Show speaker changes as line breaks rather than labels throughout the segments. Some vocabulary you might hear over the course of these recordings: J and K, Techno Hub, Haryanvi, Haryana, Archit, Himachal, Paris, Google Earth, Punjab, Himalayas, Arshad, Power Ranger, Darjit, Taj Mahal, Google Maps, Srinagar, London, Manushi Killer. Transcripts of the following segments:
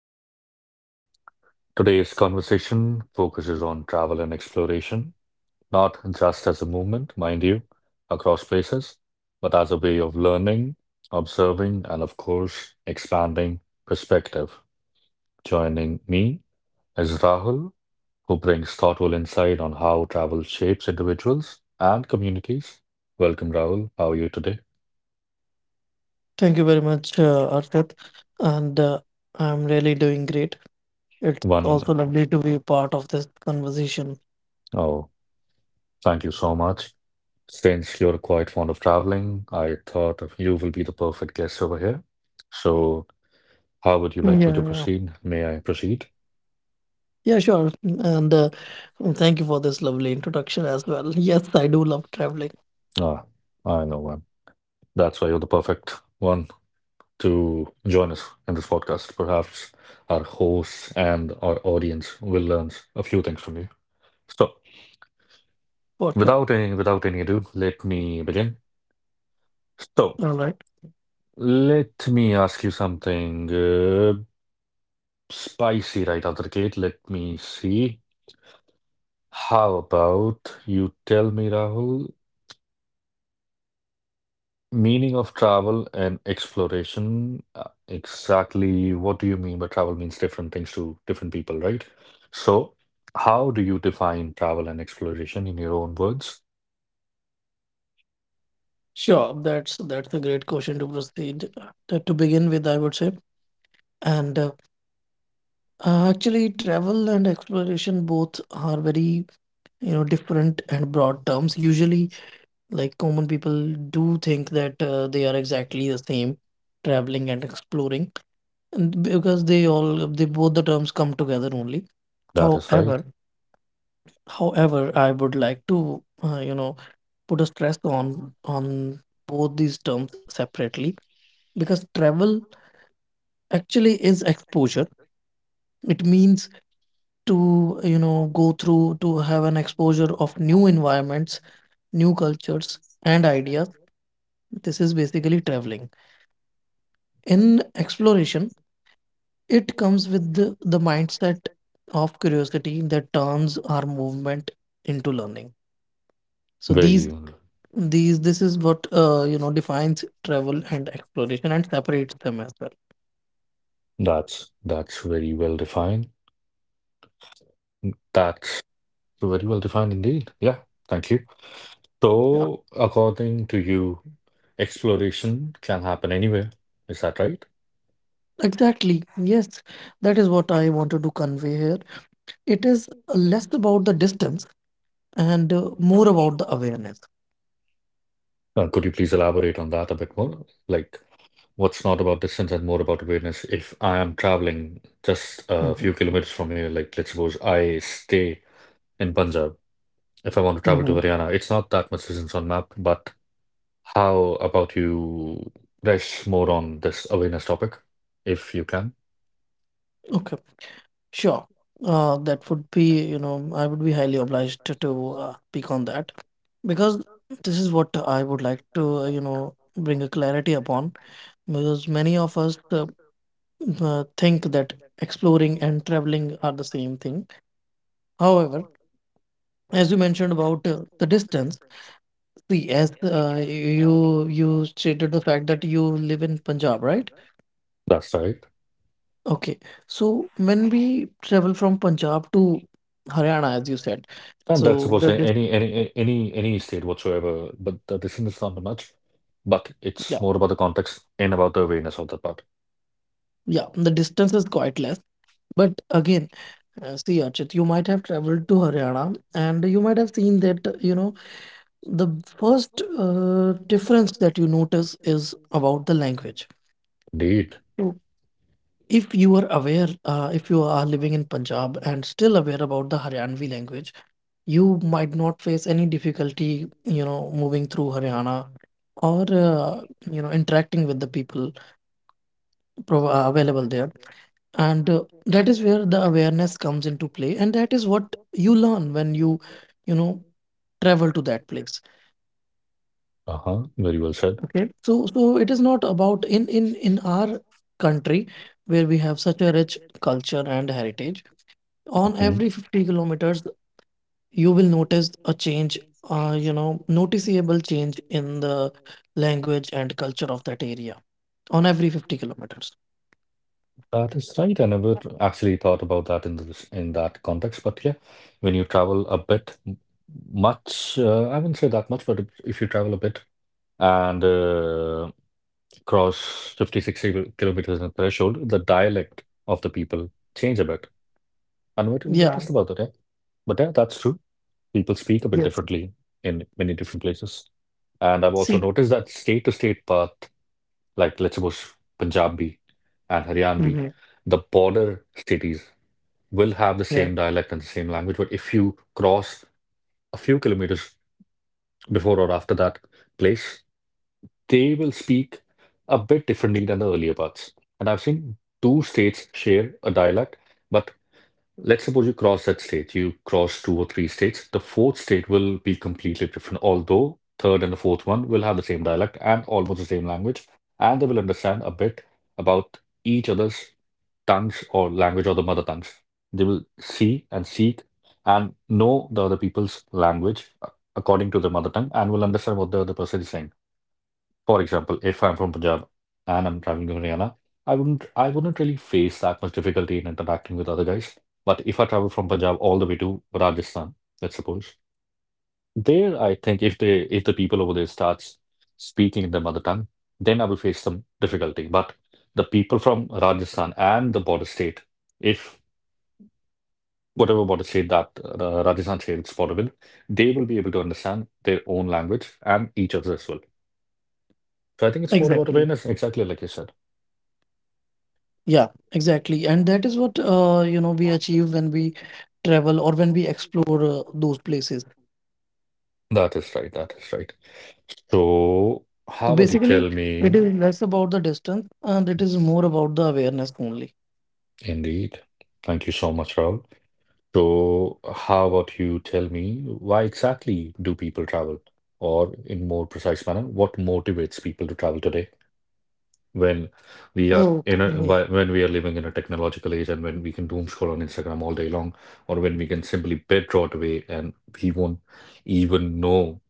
and welcome. Today's conversation focuses on travel and exploration, not just as a movement, mind you, across places, but as a way of learning, observing, and of course, expanding perspective. Joining me is Rahul, who brings thoughtful insight on how travel shapes individuals and communities. Welcome, Rahul. How are you today?
Thank you very much, Arshad. And I'm really doing great. It's
One,
also lovely to be part of this conversation.
oh, thank you so much. Since you're quite fond of traveling, I thought of you will be the perfect guest over here. So, how would you
Yeah,
like me to
yeah.
proceed? May I proceed?
Yeah, sure. And thank you for this lovely introduction as well. Yes, I do love traveling
Ah, I know one. That's why you're the perfect one to join us in this podcast. Perhaps our hosts and our audience will learn a few things from you. So,
for sure.
without any ado, let me begin. So,
All right.
let me ask you something spicy right out of the gate. Let me see. How about you tell me, Rahul, meaning of travel and exploration? Exactly what do you mean by travel means different things to different people, right? So, how do you define travel and exploration in your own words?
Sure, that's a great question to proceed to begin with, I would say. And actually, travel and exploration both are very, you know, different and broad terms. Usually, like common people do think that they are exactly the same, traveling and exploring, and because they both the terms come together only.
That is
However,
right.
however, I would like to you know put a stress on both these terms separately because travel actually is exposure. It means to you know go through to have an exposure of new environments, new cultures, and ideas. This is basically traveling. In exploration, it comes with the mindset of curiosity that turns our movement into learning. So
Very,
these this is what you know defines travel and exploration and separates them as well.
that's very well defined. That's very well defined indeed. Yeah, thank you.
Yeah,
So, according to you, exploration can happen anywhere. Is that right?
exactly. Yes, that is what I wanted to convey here. It is less about the distance and more about the awareness.
Could you please elaborate on that a bit more? Like, what's not about distance and more about awareness? If I am traveling just a few
Hmm.
kilometers from here, like let's suppose I stay in Punjab, if I want to travel to
Hmm.
Haryana, it's not that much distance on map, but how about you rest more on this awareness topic, if you can?
Okay. Sure. That would be, you know, I would be highly obliged to, to speak on that because this is what I would like to, you know, bring a clarity upon because many of us think that exploring and traveling are the same thing. However, as you mentioned about the distance, see, as you stated the fact that you live in Punjab, right?
That's right.
Okay. So when we travel from Punjab to Haryana, as you said,
And that's
so
suppose
the
any
distance.
any any any state whatsoever, but the distance is not much, but it's more about the context and about the awareness of that part.
Yeah, the distance is quite less. But again, see, Archit, you might have traveled to Haryana and you might have seen that, you know, the first difference that you notice is about the language.
Indeed.
So if you are aware, if you are living in Punjab and still aware about the Haryanvi language, you might not face any difficulty, you know, moving through Haryana or, you know, interacting with the people available there. And That is where the awareness comes into play and that is what you learn when you know travel to that place.
Uh-huh. Very well said.
Okay. So it is not about in our country where we have such a rich culture and heritage on every
Mhm.
50 kilometers you will notice a change you know noticeable change in the language and culture of that area on every 50 kilometers.
That is right. I never actually thought about that in this in that context. But yeah, when you travel a bit, I wouldn't say that much, but if you travel a bit and cross 50, 60 kilometers in a threshold, the dialect of the people change a bit. I never
Yeah.
noticed about that. Yeah. But yeah, that's true. People speak a bit
Yes.
differently in many different places. And I've also
See.
noticed that state to state path like let's suppose Punjabi and Haryanvi,
Hmm.
the border cities will have the
Yeah.
same dialect and the same language. But if you cross a few kilometers before or after that place, they will speak a bit differently than the earlier parts. And I've seen two states share a dialect, but let's suppose you cross that state, you cross two or three states. The fourth state will be completely different, although third and the fourth one will have the same dialect and almost the same language, and they will understand a bit about each other's tongues or language or the mother tongues. They will see and seek and know the other people's language according to their mother tongue and will understand what the other person is saying. For example, if I'm from Punjab and I'm traveling to Haryana, I wouldn't really face that much difficulty in interacting with other guys. But if I travel from Punjab all the way to Rajasthan, let's suppose, there I think if the people over there starts speaking in their mother tongue, then I will face some difficulty. But the people from Rajasthan and the border state, if whatever border state that Rajasthan shares its border with, they will be able to understand their own language and each other as well. So I think it's more about
Exactly.
awareness, exactly like you said.
Yeah, exactly. And that is what you know we achieve when we travel or when we explore those places.
That is right. That is right. So,
So
how about you
basically,
tell
it
me,
is less about the distance and it is more about the awareness only.
indeed? Thank you so much, Raul. So, how about you tell me why exactly do people travel? Or, in more precise manner, what motivates people to travel today when we are in a
Okay.
when we are living in a technological age and when we can doom scroll on Instagram all day long, or when we can simply bedrot away and we won't even know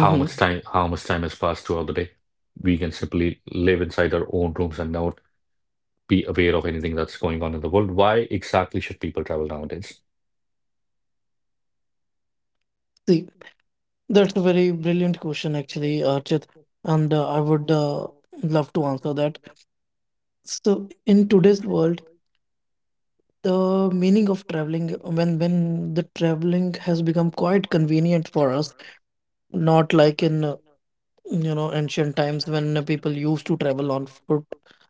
how much time how much time has passed throughout the day. We can simply live inside our own rooms and not be aware of anything that's going on in the world. Why exactly should people travel nowadays?
See, that's a very brilliant question, actually, Archit, and I would love to answer that. So, in today's world, the meaning of traveling, when the traveling has become quite convenient for us, not like in you know ancient times when people used to travel on foot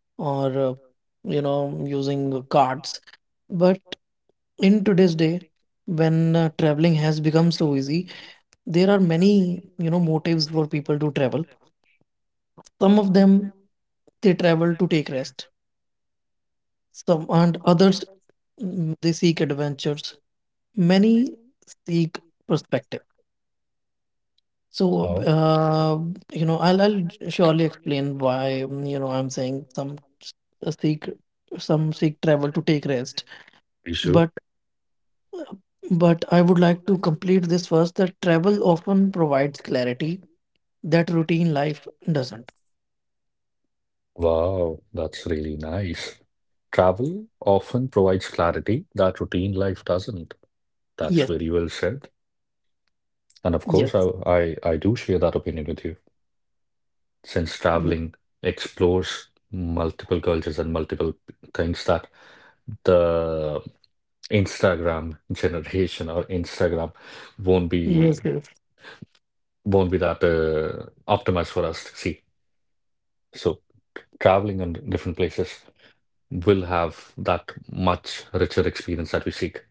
or you know using carts, but in today's day when traveling has become so easy, there are many you know motives for people to travel. Some of them, they travel to take rest. Some and others, they seek adventures. Many seek perspective. So,
Oh,
you know, I'll surely explain why, you know, I'm saying seek, some seek travel to take rest.
issue.
But uh, but I would like to complete this first that travel often provides clarity that routine life doesn't.
Wow, that's really nice. Travel often provides clarity that routine life doesn't. That's
Yes,
very well said. And of course,
yes,
I do share that opinion with you. Since
y-
traveling explores multiple cultures and multiple things that the Instagram generation or Instagram won't
yes,
be
yes,
won't be that optimized for us to see. So traveling on different places will have that much richer experience that we seek.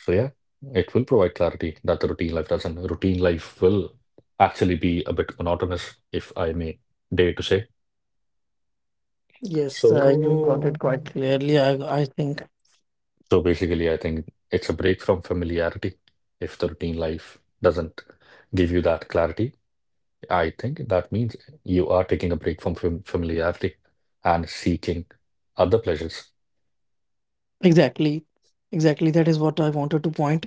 So yeah, it will provide clarity that the routine life doesn't. Routine life will actually be a bit monotonous, if I may dare to say.
yes. You got it
So,
quite clearly. I think
So basically, I think it's a break from familiarity if the routine life doesn't give you that clarity. I think that means you are taking a break from familiarity and seeking other pleasures.
exactly, exactly. That is what I wanted to point.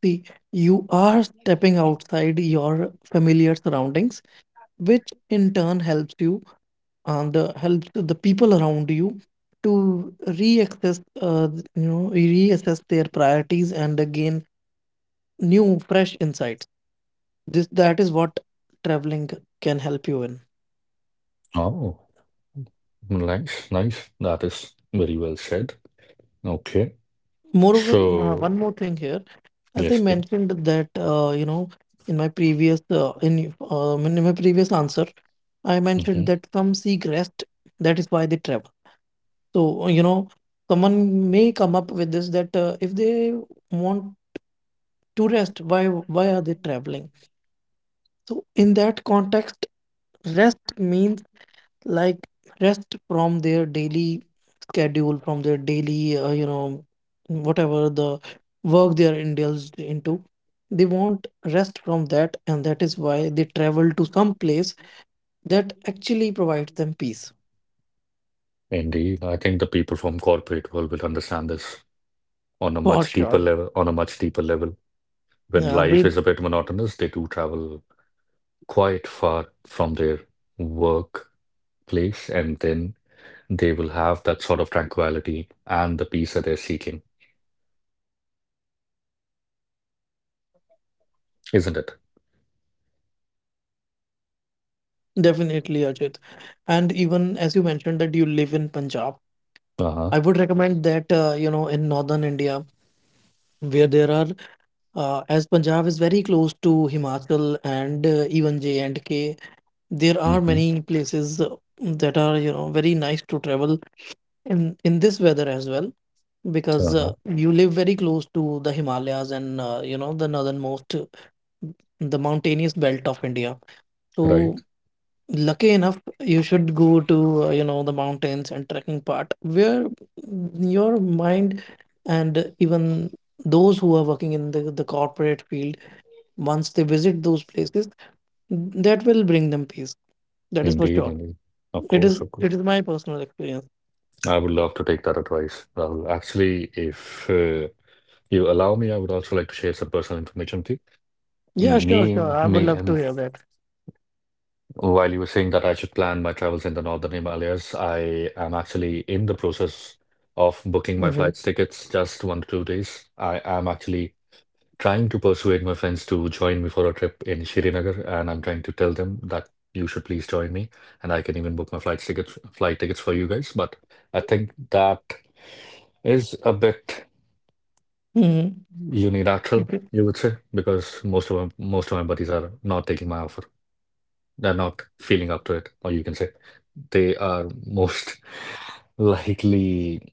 See, you are stepping outside your familiar surroundings, which in turn helps you and helps the people around you to reaccess, you know, reassess their priorities and gain new, fresh insights. This that is what traveling can help you in.
Oh, nice, nice. That is very well said. Okay.
Moreover,
So,
one more thing here, as I
yes,
mentioned that you know in my previous in my previous answer, I mentioned
mm-hmm.
that some seek rest. That is why they travel. So, you know, someone may come up with this that if they want to rest, why are they traveling? So, in that context, rest means like rest from their daily schedule, from their daily, you know, whatever the work they are indulged into. They want rest from that, and that is why they travel to some place that actually provides them peace.
Indeed, I think the people from corporate world will understand this on a
For
much deeper
sure.
level, on a much deeper level. When
Yeah,
life
they.
is a bit monotonous, they do travel quite far from their work place, and then they will have that sort of tranquility and the peace that they're seeking. Isn't it?
Definitely, Ajit. And even as you mentioned that you live in Punjab,
Uh-huh.
I would recommend that you know in northern India where there are as Punjab is very close to Himachal and even J and K, there are
Hmm.
many places that are you know very nice to travel in this weather as well because
Uh-huh.
you live very close to the Himalayas and you know the northernmost the mountainous belt of India. So
Right.
lucky enough you should go to you know the mountains and trekking part where your mind and even those who are working in the corporate field, once they visit those places, that will bring them peace, that is for
Indeed,
sure.
indeed. Of
It
course,
is
of course.
it is my personal experience.
I would love to take that advice, Rahul. Actually, if you allow me, I would also like to share some personal information with you.
Yeah, sure,
Me,
sure, I would
me,
love to
um,
hear that.
while you were saying that I should plan my travels in the Northern Himalayas, I am actually in the process of booking my
Mm-hmm.
flight tickets just 1 to 2 days. I am actually trying to persuade my friends to join me for a trip in Srinagar, and I'm trying to tell them that you should please join me, and I can even book my flight tickets for you guys. But I think that is a bit
Mm-hmm.
unilateral, you would say, because most of my buddies are not taking my offer. They're not feeling up to it, or you can say they are most likely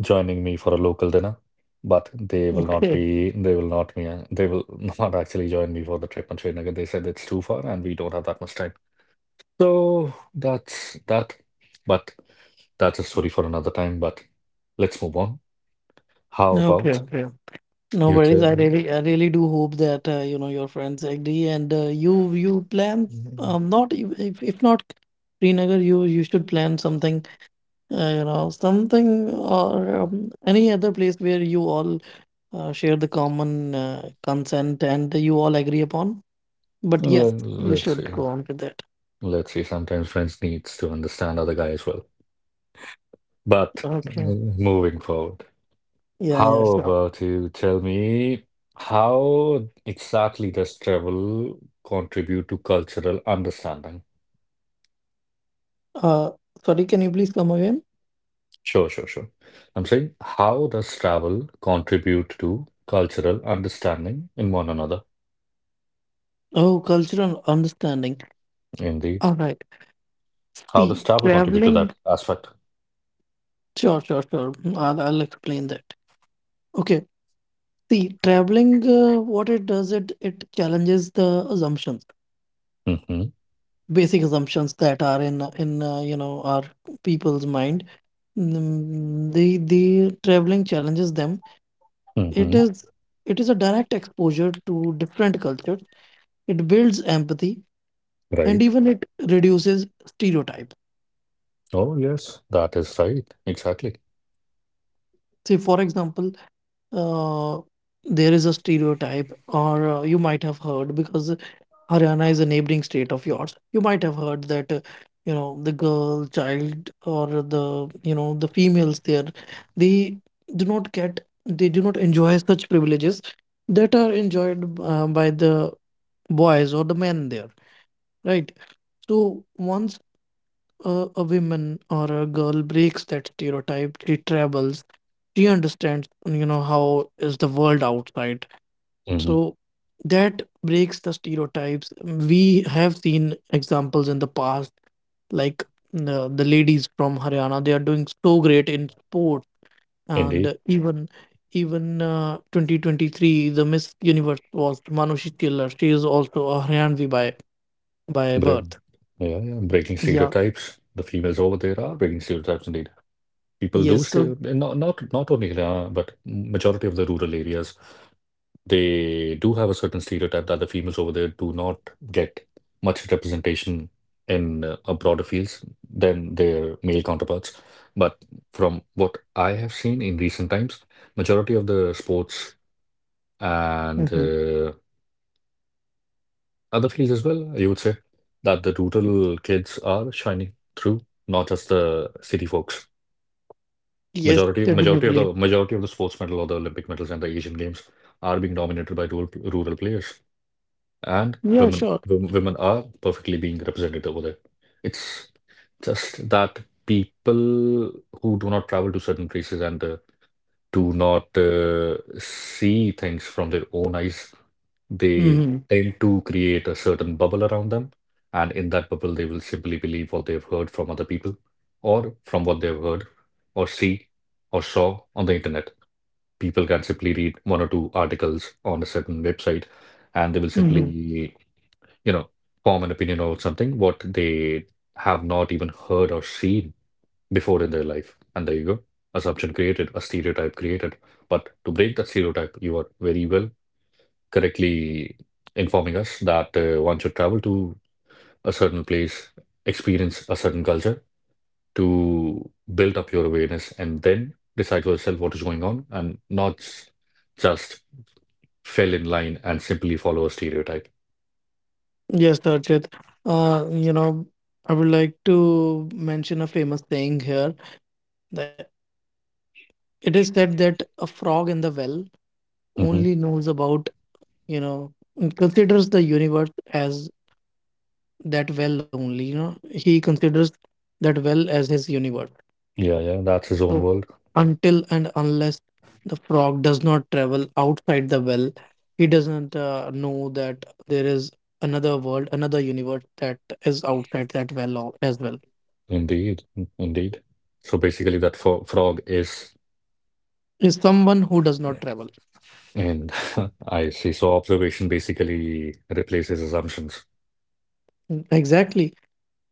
joining me for a local dinner, but
Okay.
they will not actually join me for the trip on Srinagar. They said it's too far and we don't have that much time. So that's that. But that's a story for another time. But let's move on. How
Okay.
about
Okay. No
you
worries.
tell?
I really do hope that you know your friends agree, and you you plan, not if if not Srinagar, you should plan something you know something or any other place where you all share the common consent and you all agree upon. But
Let,
yes, you
let's
should
see.
go on with that.
Let's see. Sometimes friends needs to understand other guy as well. But
Okay.
moving forward,
Yeah, yeah,
how
sure.
about you tell me how exactly does travel contribute to cultural understanding?
Uh, sorry, can you please come again?
Sure, sure, sure. I'm saying, how does travel contribute to cultural understanding in one another?
Oh, cultural understanding.
Indeed.
All right.
How
See,
does travel contribute to
traveling.
that aspect?
Sure, sure, sure. I'll explain that. Okay. See, traveling, what it does, it challenges the assumptions,
Mm-hmm.
basic assumptions that are in you know our people's mind. The traveling challenges them. It
Mm-hmm.
is it is a direct exposure to different cultures. It builds empathy and
Right.
even it reduces stereotype.
Oh, yes, that is right. Exactly.
Say, for example, uh, there is a stereotype, or you might have heard because Haryana is a neighboring state of yours. You might have heard that, you know, the girl child or the, you know, the females there, they do not get, they do not enjoy such privileges that are enjoyed by the boys or the men there, right? So once a woman or a girl breaks that stereotype, she travels, she understands, you know, how is the world outside,
Mm-hmm.
so that breaks the stereotypes. We have seen examples in the past, like the ladies from Haryana, they are doing so great in sports, and
Indeed.
even even 2023, the Miss Universe was Manushi Killer. She is also a Haryanvi by
Bre
birth.
Yeah, yeah, breaking
Yeah.
stereotypes. The females over there are breaking stereotypes indeed. People
Yes.
do stay,
So.
not only Haryana, but majority of the rural areas, they do have a certain stereotype that the females over there do not get much representation in a broader fields than their male counterparts. But from what I have seen in recent times, majority of the sports and
Mhm.
other fields as well, you would say that the rural kids are shining through, not just the city folks.
Yes,
Majority, majority of
definitely.
the majority of the sports medal or the Olympic medals and the Asian Games are being dominated by rural players, and
Yeah. Sure.
women are perfectly being represented over there. It's just that people who do not travel to certain places and do not see things from their own eyes, they
Mm-hmm.
tend to create a certain bubble around them. And in that bubble, they will simply believe what they've heard from other people or from what they've heard or see or saw on the internet. People can simply read one or two articles on a certain website and they will simply, you know, form an opinion about something what they have not even heard or seen before in their life. And there you go. Assumption created, a stereotype created. But to break that stereotype, you are very well correctly informing us that one should travel to a certain place, experience a certain culture to build up your awareness and then decide for yourself what is going on and not just fell in line and simply follow a stereotype.
Yes, Darjit. You know, I would like to mention a famous saying here that it is said that a frog in the well only
Hmm.
knows about, you know, considers the universe as that well only, you know, he considers that well as his universe.
Yeah, yeah, that's his
So
own world.
until and unless the frog does not travel outside the well, he doesn't know that there is another world, another universe that is outside that well as well,
Indeed, indeed. So basically, that frog is,
is someone who does not travel.
and I see. So observation basically replaces assumptions.
Exactly.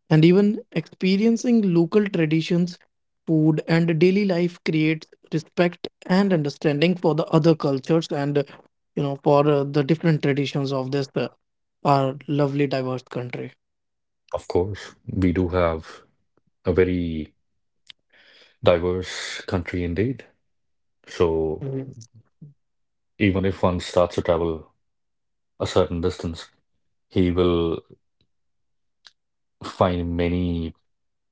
And even experiencing local traditions, food, and daily life creates respect and understanding for the other cultures and, you know, for the different traditions of this our lovely, diverse country.
Of course, we do have a very diverse country indeed. So
Mhm.
even if one starts to travel a certain distance, he will find many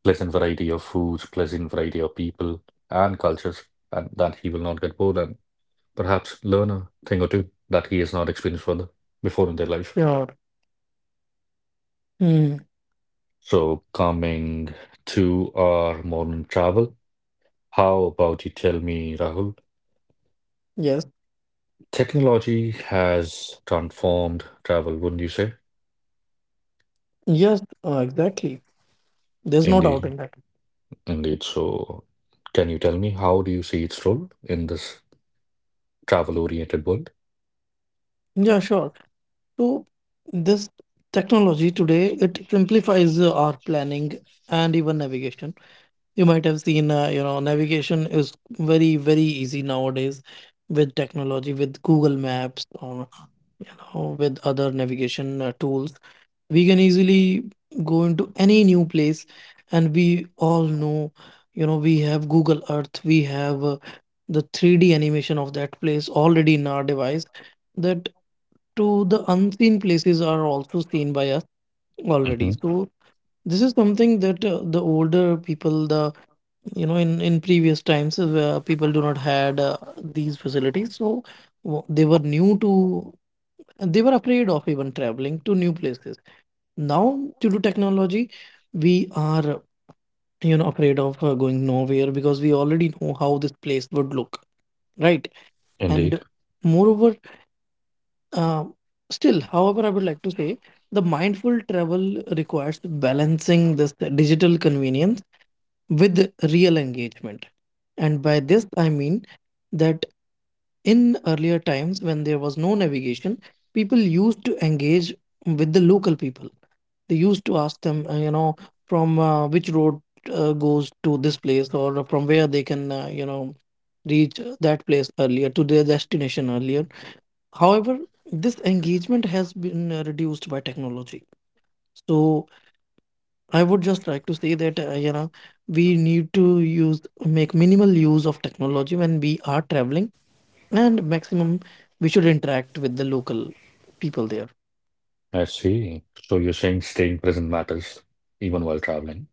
pleasant variety of foods, pleasant variety of people and cultures, and that he will not get bored and perhaps learn a thing or two that he has not experienced further before in their life.
Sure. Mm.
So coming to our modern travel, how about you tell me, Rahul?
Yes.
Technology has transformed travel, wouldn't you say?
Yes. Exactly. There's no doubt in
Indeed.
that.
Indeed. So, can you tell me how do you see its role in this travel-oriented world?
Yeah, sure. So this technology today, it simplifies our planning and even navigation. You might have seen, you know, navigation is very, very easy nowadays with technology, with Google Maps or with other navigation tools. We can easily go into any new place, and we all know, you know, we have Google Earth, we have the 3D animation of that place already in our device, that to the unseen places are also seen by us already.
Hmm
So this is something that the older people, the you know, in previous times where people do not had these facilities, so w- they were new to they were afraid of even traveling to new places now due to technology we are afraid of going nowhere because we already know how this place would look, right.
Indeed.
And moreover, uh, still, however, I would like to say the mindful travel requires balancing this digital convenience with real engagement. And by this I mean that in earlier times, when there was no navigation, people used to engage with the local people. They used to ask them, you know, from which road goes to this place, or from where they can, you know, reach that place earlier, to their destination earlier. However, this engagement has been reduced by technology. So I would just like to say that, you know, we need to use make minimal use of technology when we are traveling, and maximum we should interact with the local people there.
I see. So you're saying staying present matters even while traveling.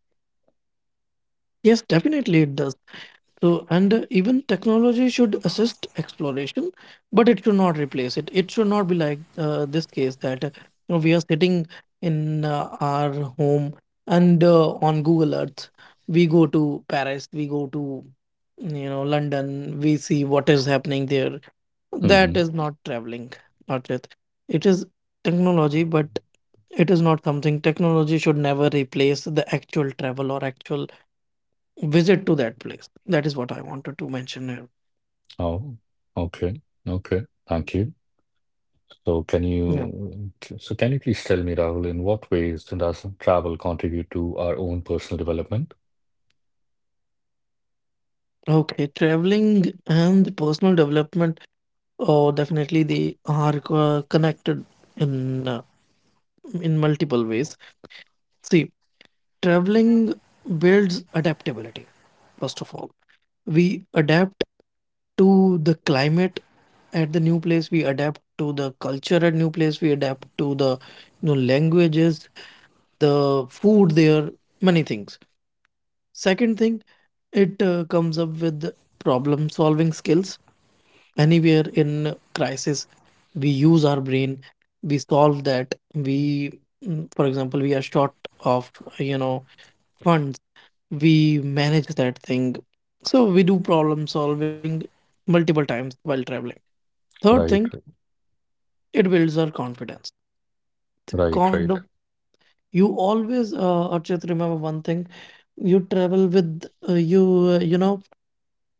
Yes, definitely it does. So, and even technology should assist exploration, but it should not replace it. It should not be like this case that you know, we are sitting in our home and on Google Earth we go to Paris, we go to, you know, London, we see what is happening there. That
Hmm
is not traveling, not yet. It is technology, but it is not something technology should never replace the actual travel or actual visit to that place. That is what I wanted to mention here.
Oh, okay. Okay. Thank you. So can
Yeah.
you so can you please tell me, Rahul, in what ways does travel contribute to our own personal development?
Okay. Traveling and the personal development, oh, definitely they are connected in uh, in multiple ways. See, traveling builds adaptability. First of all, we adapt to the climate at the new place. We adapt to the culture at new place. We adapt to the, you know, languages, the food there, many things. Second thing, it comes up with problem solving skills. Anywhere in crisis, we use our brain, we solve that. For example, we are short of, you know, funds, we manage that thing. So we do problem solving multiple times while traveling. Third thing,
Right,
it builds our confidence. The
right,
con- the,
right.
you always, Archit, remember one thing. You travel with, you know,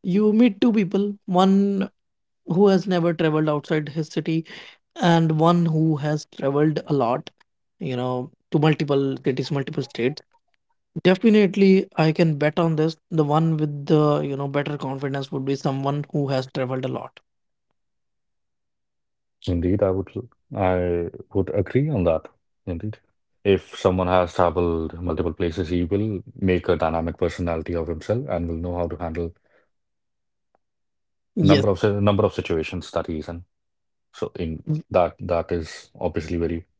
you meet two people, one who has never traveled outside his city and one who has traveled a lot, you know, to multiple cities, multiple states. Definitely, I can bet on this. The one with the, you know, better confidence would be someone who has traveled a lot.
Indeed, I would agree on that. Indeed. If someone has traveled multiple places, he will make a dynamic personality of himself and will know how to handle
Yes,
number of situations that he is in. So in
y-
that is obviously very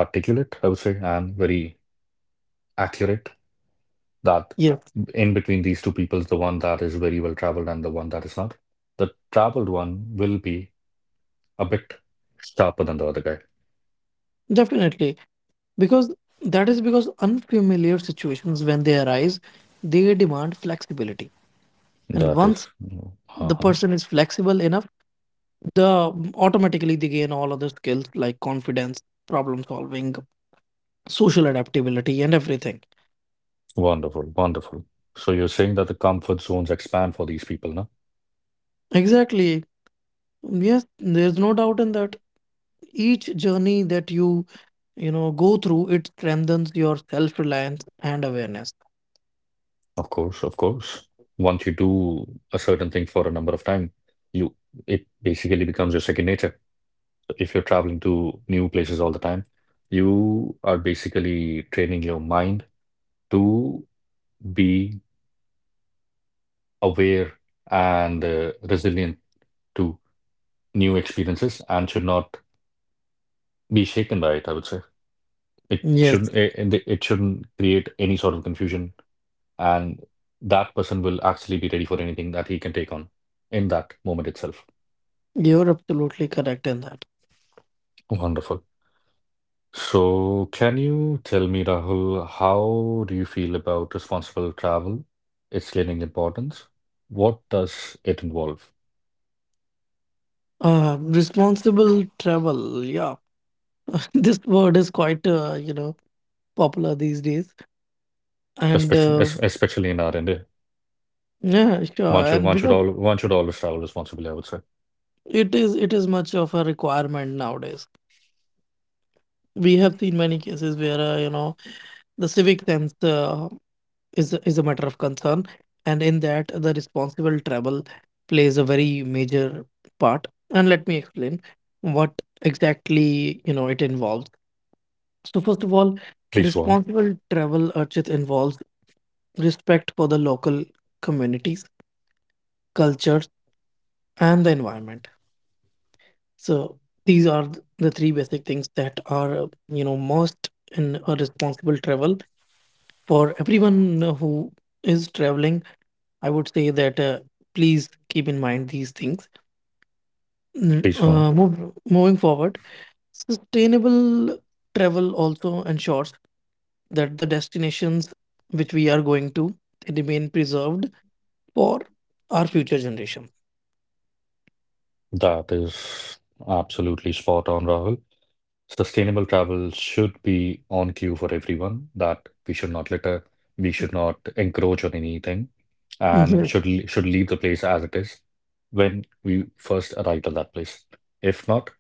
articulate, I would say, and very accurate that
yes,
in between these two people, the one that is very well traveled and the one that is not, the traveled one will be a bit sharper than the other guy.
definitely. Because that is because unfamiliar situations, when they arise, they demand flexibility. And
That
once
is,
the
uh-huh.
person is flexible enough, the automatically they gain all other skills like confidence, problem solving, social adaptability, and everything.
Wonderful, wonderful. So you're saying that the comfort zones expand for these people, no?
Exactly, yes, there's no doubt in that. Each journey that you know go through, it strengthens your self-reliance and awareness.
Of course, of course. Once you do a certain thing for a number of time, you it basically becomes your second nature. If you're traveling to new places all the time, you are basically training your mind to be aware and resilient to new experiences and should not be shaken by it, I would say. It
Yes,
shouldn't it, it it shouldn't create any sort of confusion and that person will actually be ready for anything that he can take on in that moment itself.
you're absolutely correct in that.
Wonderful. So, can you tell me, Rahul, how do you feel about responsible travel, its gaining importance? What does it involve,
Uh, responsible travel, yeah, this word is quite you know, popular these days, and
especially in our end?
yeah, sure.
One should
And
one should
because
all one should always travel responsibly, I would say.
it is, it is much of a requirement nowadays. We have seen many cases where you know, the civic sense is a matter of concern, and in that the responsible travel plays a very major part. And let me explain what exactly, you know, it involves. So first of all,
Please go on.
responsible travel, Archit, involves respect for the local communities, cultures, and the environment. So these are the three basic things that are, you know, most in a responsible travel for everyone who is traveling. I would say that, please keep in mind these things.
Please go on.
Moving forward, sustainable travel also ensures that the destinations which we are going to remain preserved for our future generation.
That is absolutely spot on, Rahul. Sustainable travel should be on cue for everyone, that we should not let a we should not encroach on anything and should should leave the place as it is when we first arrived at that place. If not,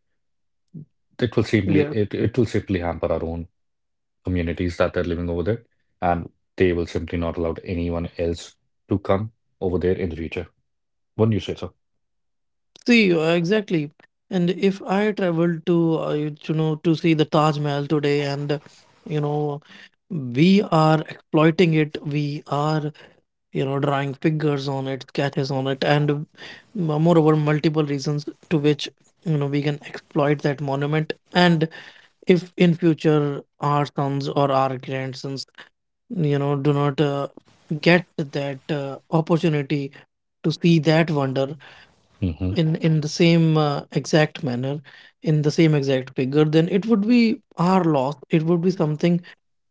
it will simply
Yes.
it, it will simply hamper our own communities that are living over there, and they will simply not allow anyone else to come over there in the future. Wouldn't you say so?
See, exactly. And if I traveled to, you know, to see the Taj Mahal today, and you know, we are exploiting it, we are, you know, drawing figures on it, sketches on it, and moreover, multiple reasons to which, you know, we can exploit that monument. And if in future our sons or our grandsons, you know, do not get that opportunity to see that wonder,
Hmm
in the same exact manner, in the same exact figure, then it would be our loss. It would be something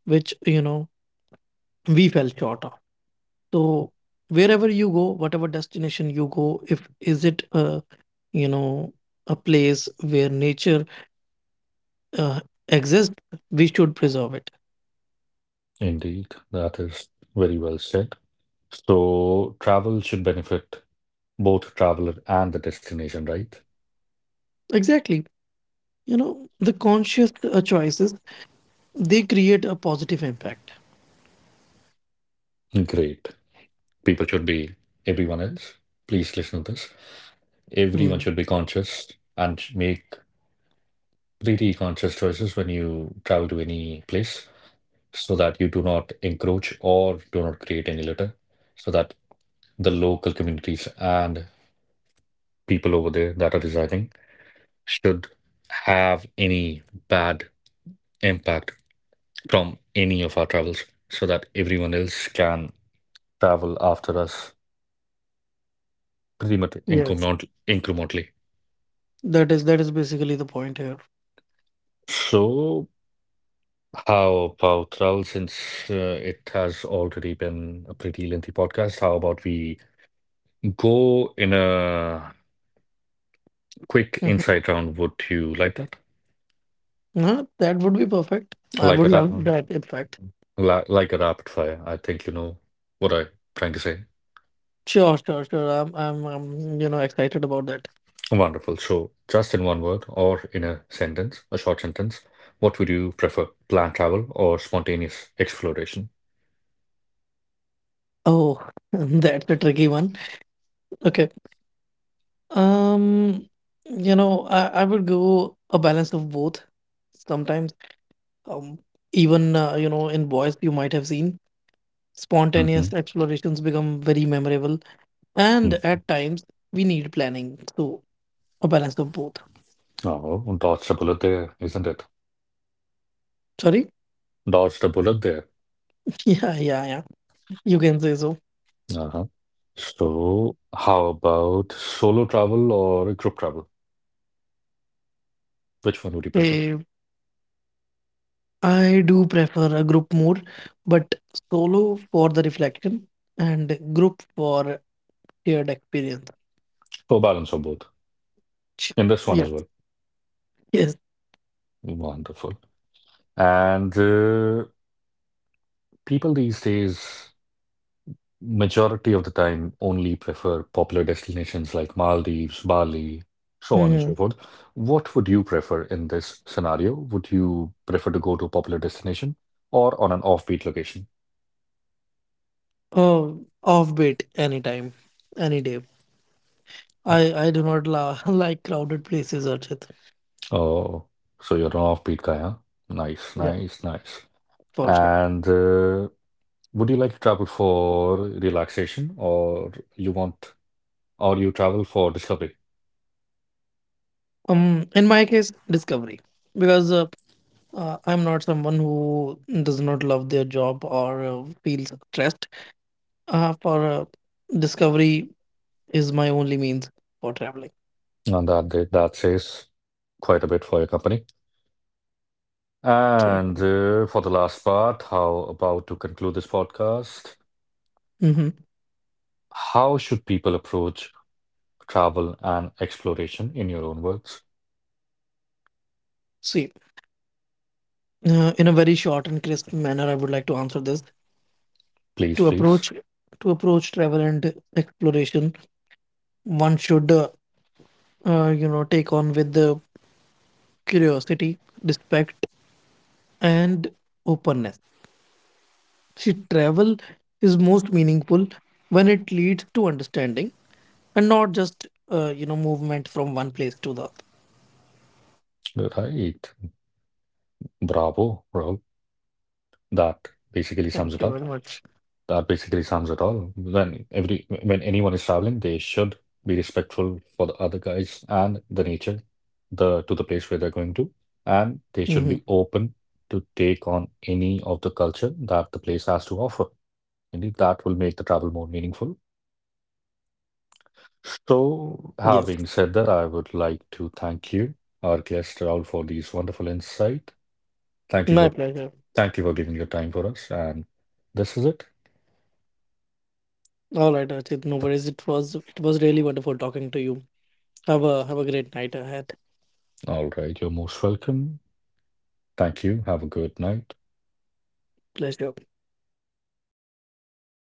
which, you know, we fell short of. So wherever you go, whatever destination you go, if is it a, you know, a place where nature uh, exists, we should preserve it.
Indeed, that is very well said. So travel should benefit both traveler and the destination, right?
Exactly, you know, the conscious choices, they create a positive impact.
Great. People should be, everyone else, please listen to this. Everyone
Mm,
should be conscious and make pretty conscious choices when you travel to any place so that you do not encroach or do not create any litter, so that the local communities and people over there that are residing should have any bad impact from any of our travels so that everyone else can travel after us remotely,
yes,
incrementally.
that is, that is basically the point here.
So, how about Raul, since it has already been a pretty lengthy podcast, how about we go in a quick
Hmm.
insight round? Would you like that?
No, that would be perfect. I
Like
would
a ra
love that, in fact.
like a rapid fire. I think you know what I'm trying to say.
Sure, sure, sure. I'm, you know, excited about that.
Wonderful. So, just in one word or in a sentence, a short sentence, what would you prefer, planned travel or spontaneous exploration?
Oh, that's a tricky one. Okay. Um, you know, I would go a balance of both. Sometimes, um, even, you know, in boys, you might have seen
Mm-hmm.
spontaneous explorations become very memorable. And at times, we need planning. So, a balance of both.
Oh, dodged a bullet there, isn't it?
Sorry?
Dodged a bullet there.
Yeah, yeah, yeah. You can say so.
Uh-huh. So, how about solo travel or group travel? Which one would you prefer?
Okay, I do prefer a group more, but solo for the reflection and group for shared experience.
So, balance of both
Ch-
in this one as
Yes,
well.
yes.
Wonderful. And people these days, majority of the time, only prefer popular destinations like Maldives, Bali, so on and
Mm-hmm.
so forth. What would you prefer in this scenario? Would you prefer to go to a popular destination or on an offbeat location?
Oh, offbeat anytime, any day.
Uh,
I do not like crowded places, Archit.
Oh, so you're an offbeat guy, huh? Nice,
Yeah,
nice, nice.
for sure.
And would you like to travel for relaxation, or you want, or you travel for discovery?
In my case, discovery, because I'm not someone who does not love their job or feels stressed. For Discovery is my only means for traveling.
And that says quite a bit for your company. And for the last part, how about to conclude this podcast?
Hmm.
How should people approach travel and exploration in your own words?
See, in a very short and crisp manner, I would like to answer this.
Please,
To
please.
approach to approach travel and exploration, one should you know, take on with the curiosity, respect, and openness. See, travel is most meaningful when it leads to understanding, and not just you know, movement from one place to the other.
Right. Bravo, bro. That basically sums
Thank
it
you
up.
very much.
That basically sums it all. When anyone is traveling, they should be respectful for the other guys and the nature, the to the place where they're going to, and they should be
Hmm.
open to take on any of the culture that the place has to offer. Indeed, that will make the travel more meaningful. So,
Yes,
having said that, I would like to thank you, our guest Raul, for these wonderful insight. Thank you
my
for
pleasure.
thank you for giving your time for us. And this is it.
All right, Archit, no worries. It was really wonderful talking to you. Have a great night ahead.
All right, you're most welcome. Thank you. Have a good night.
Pleasure.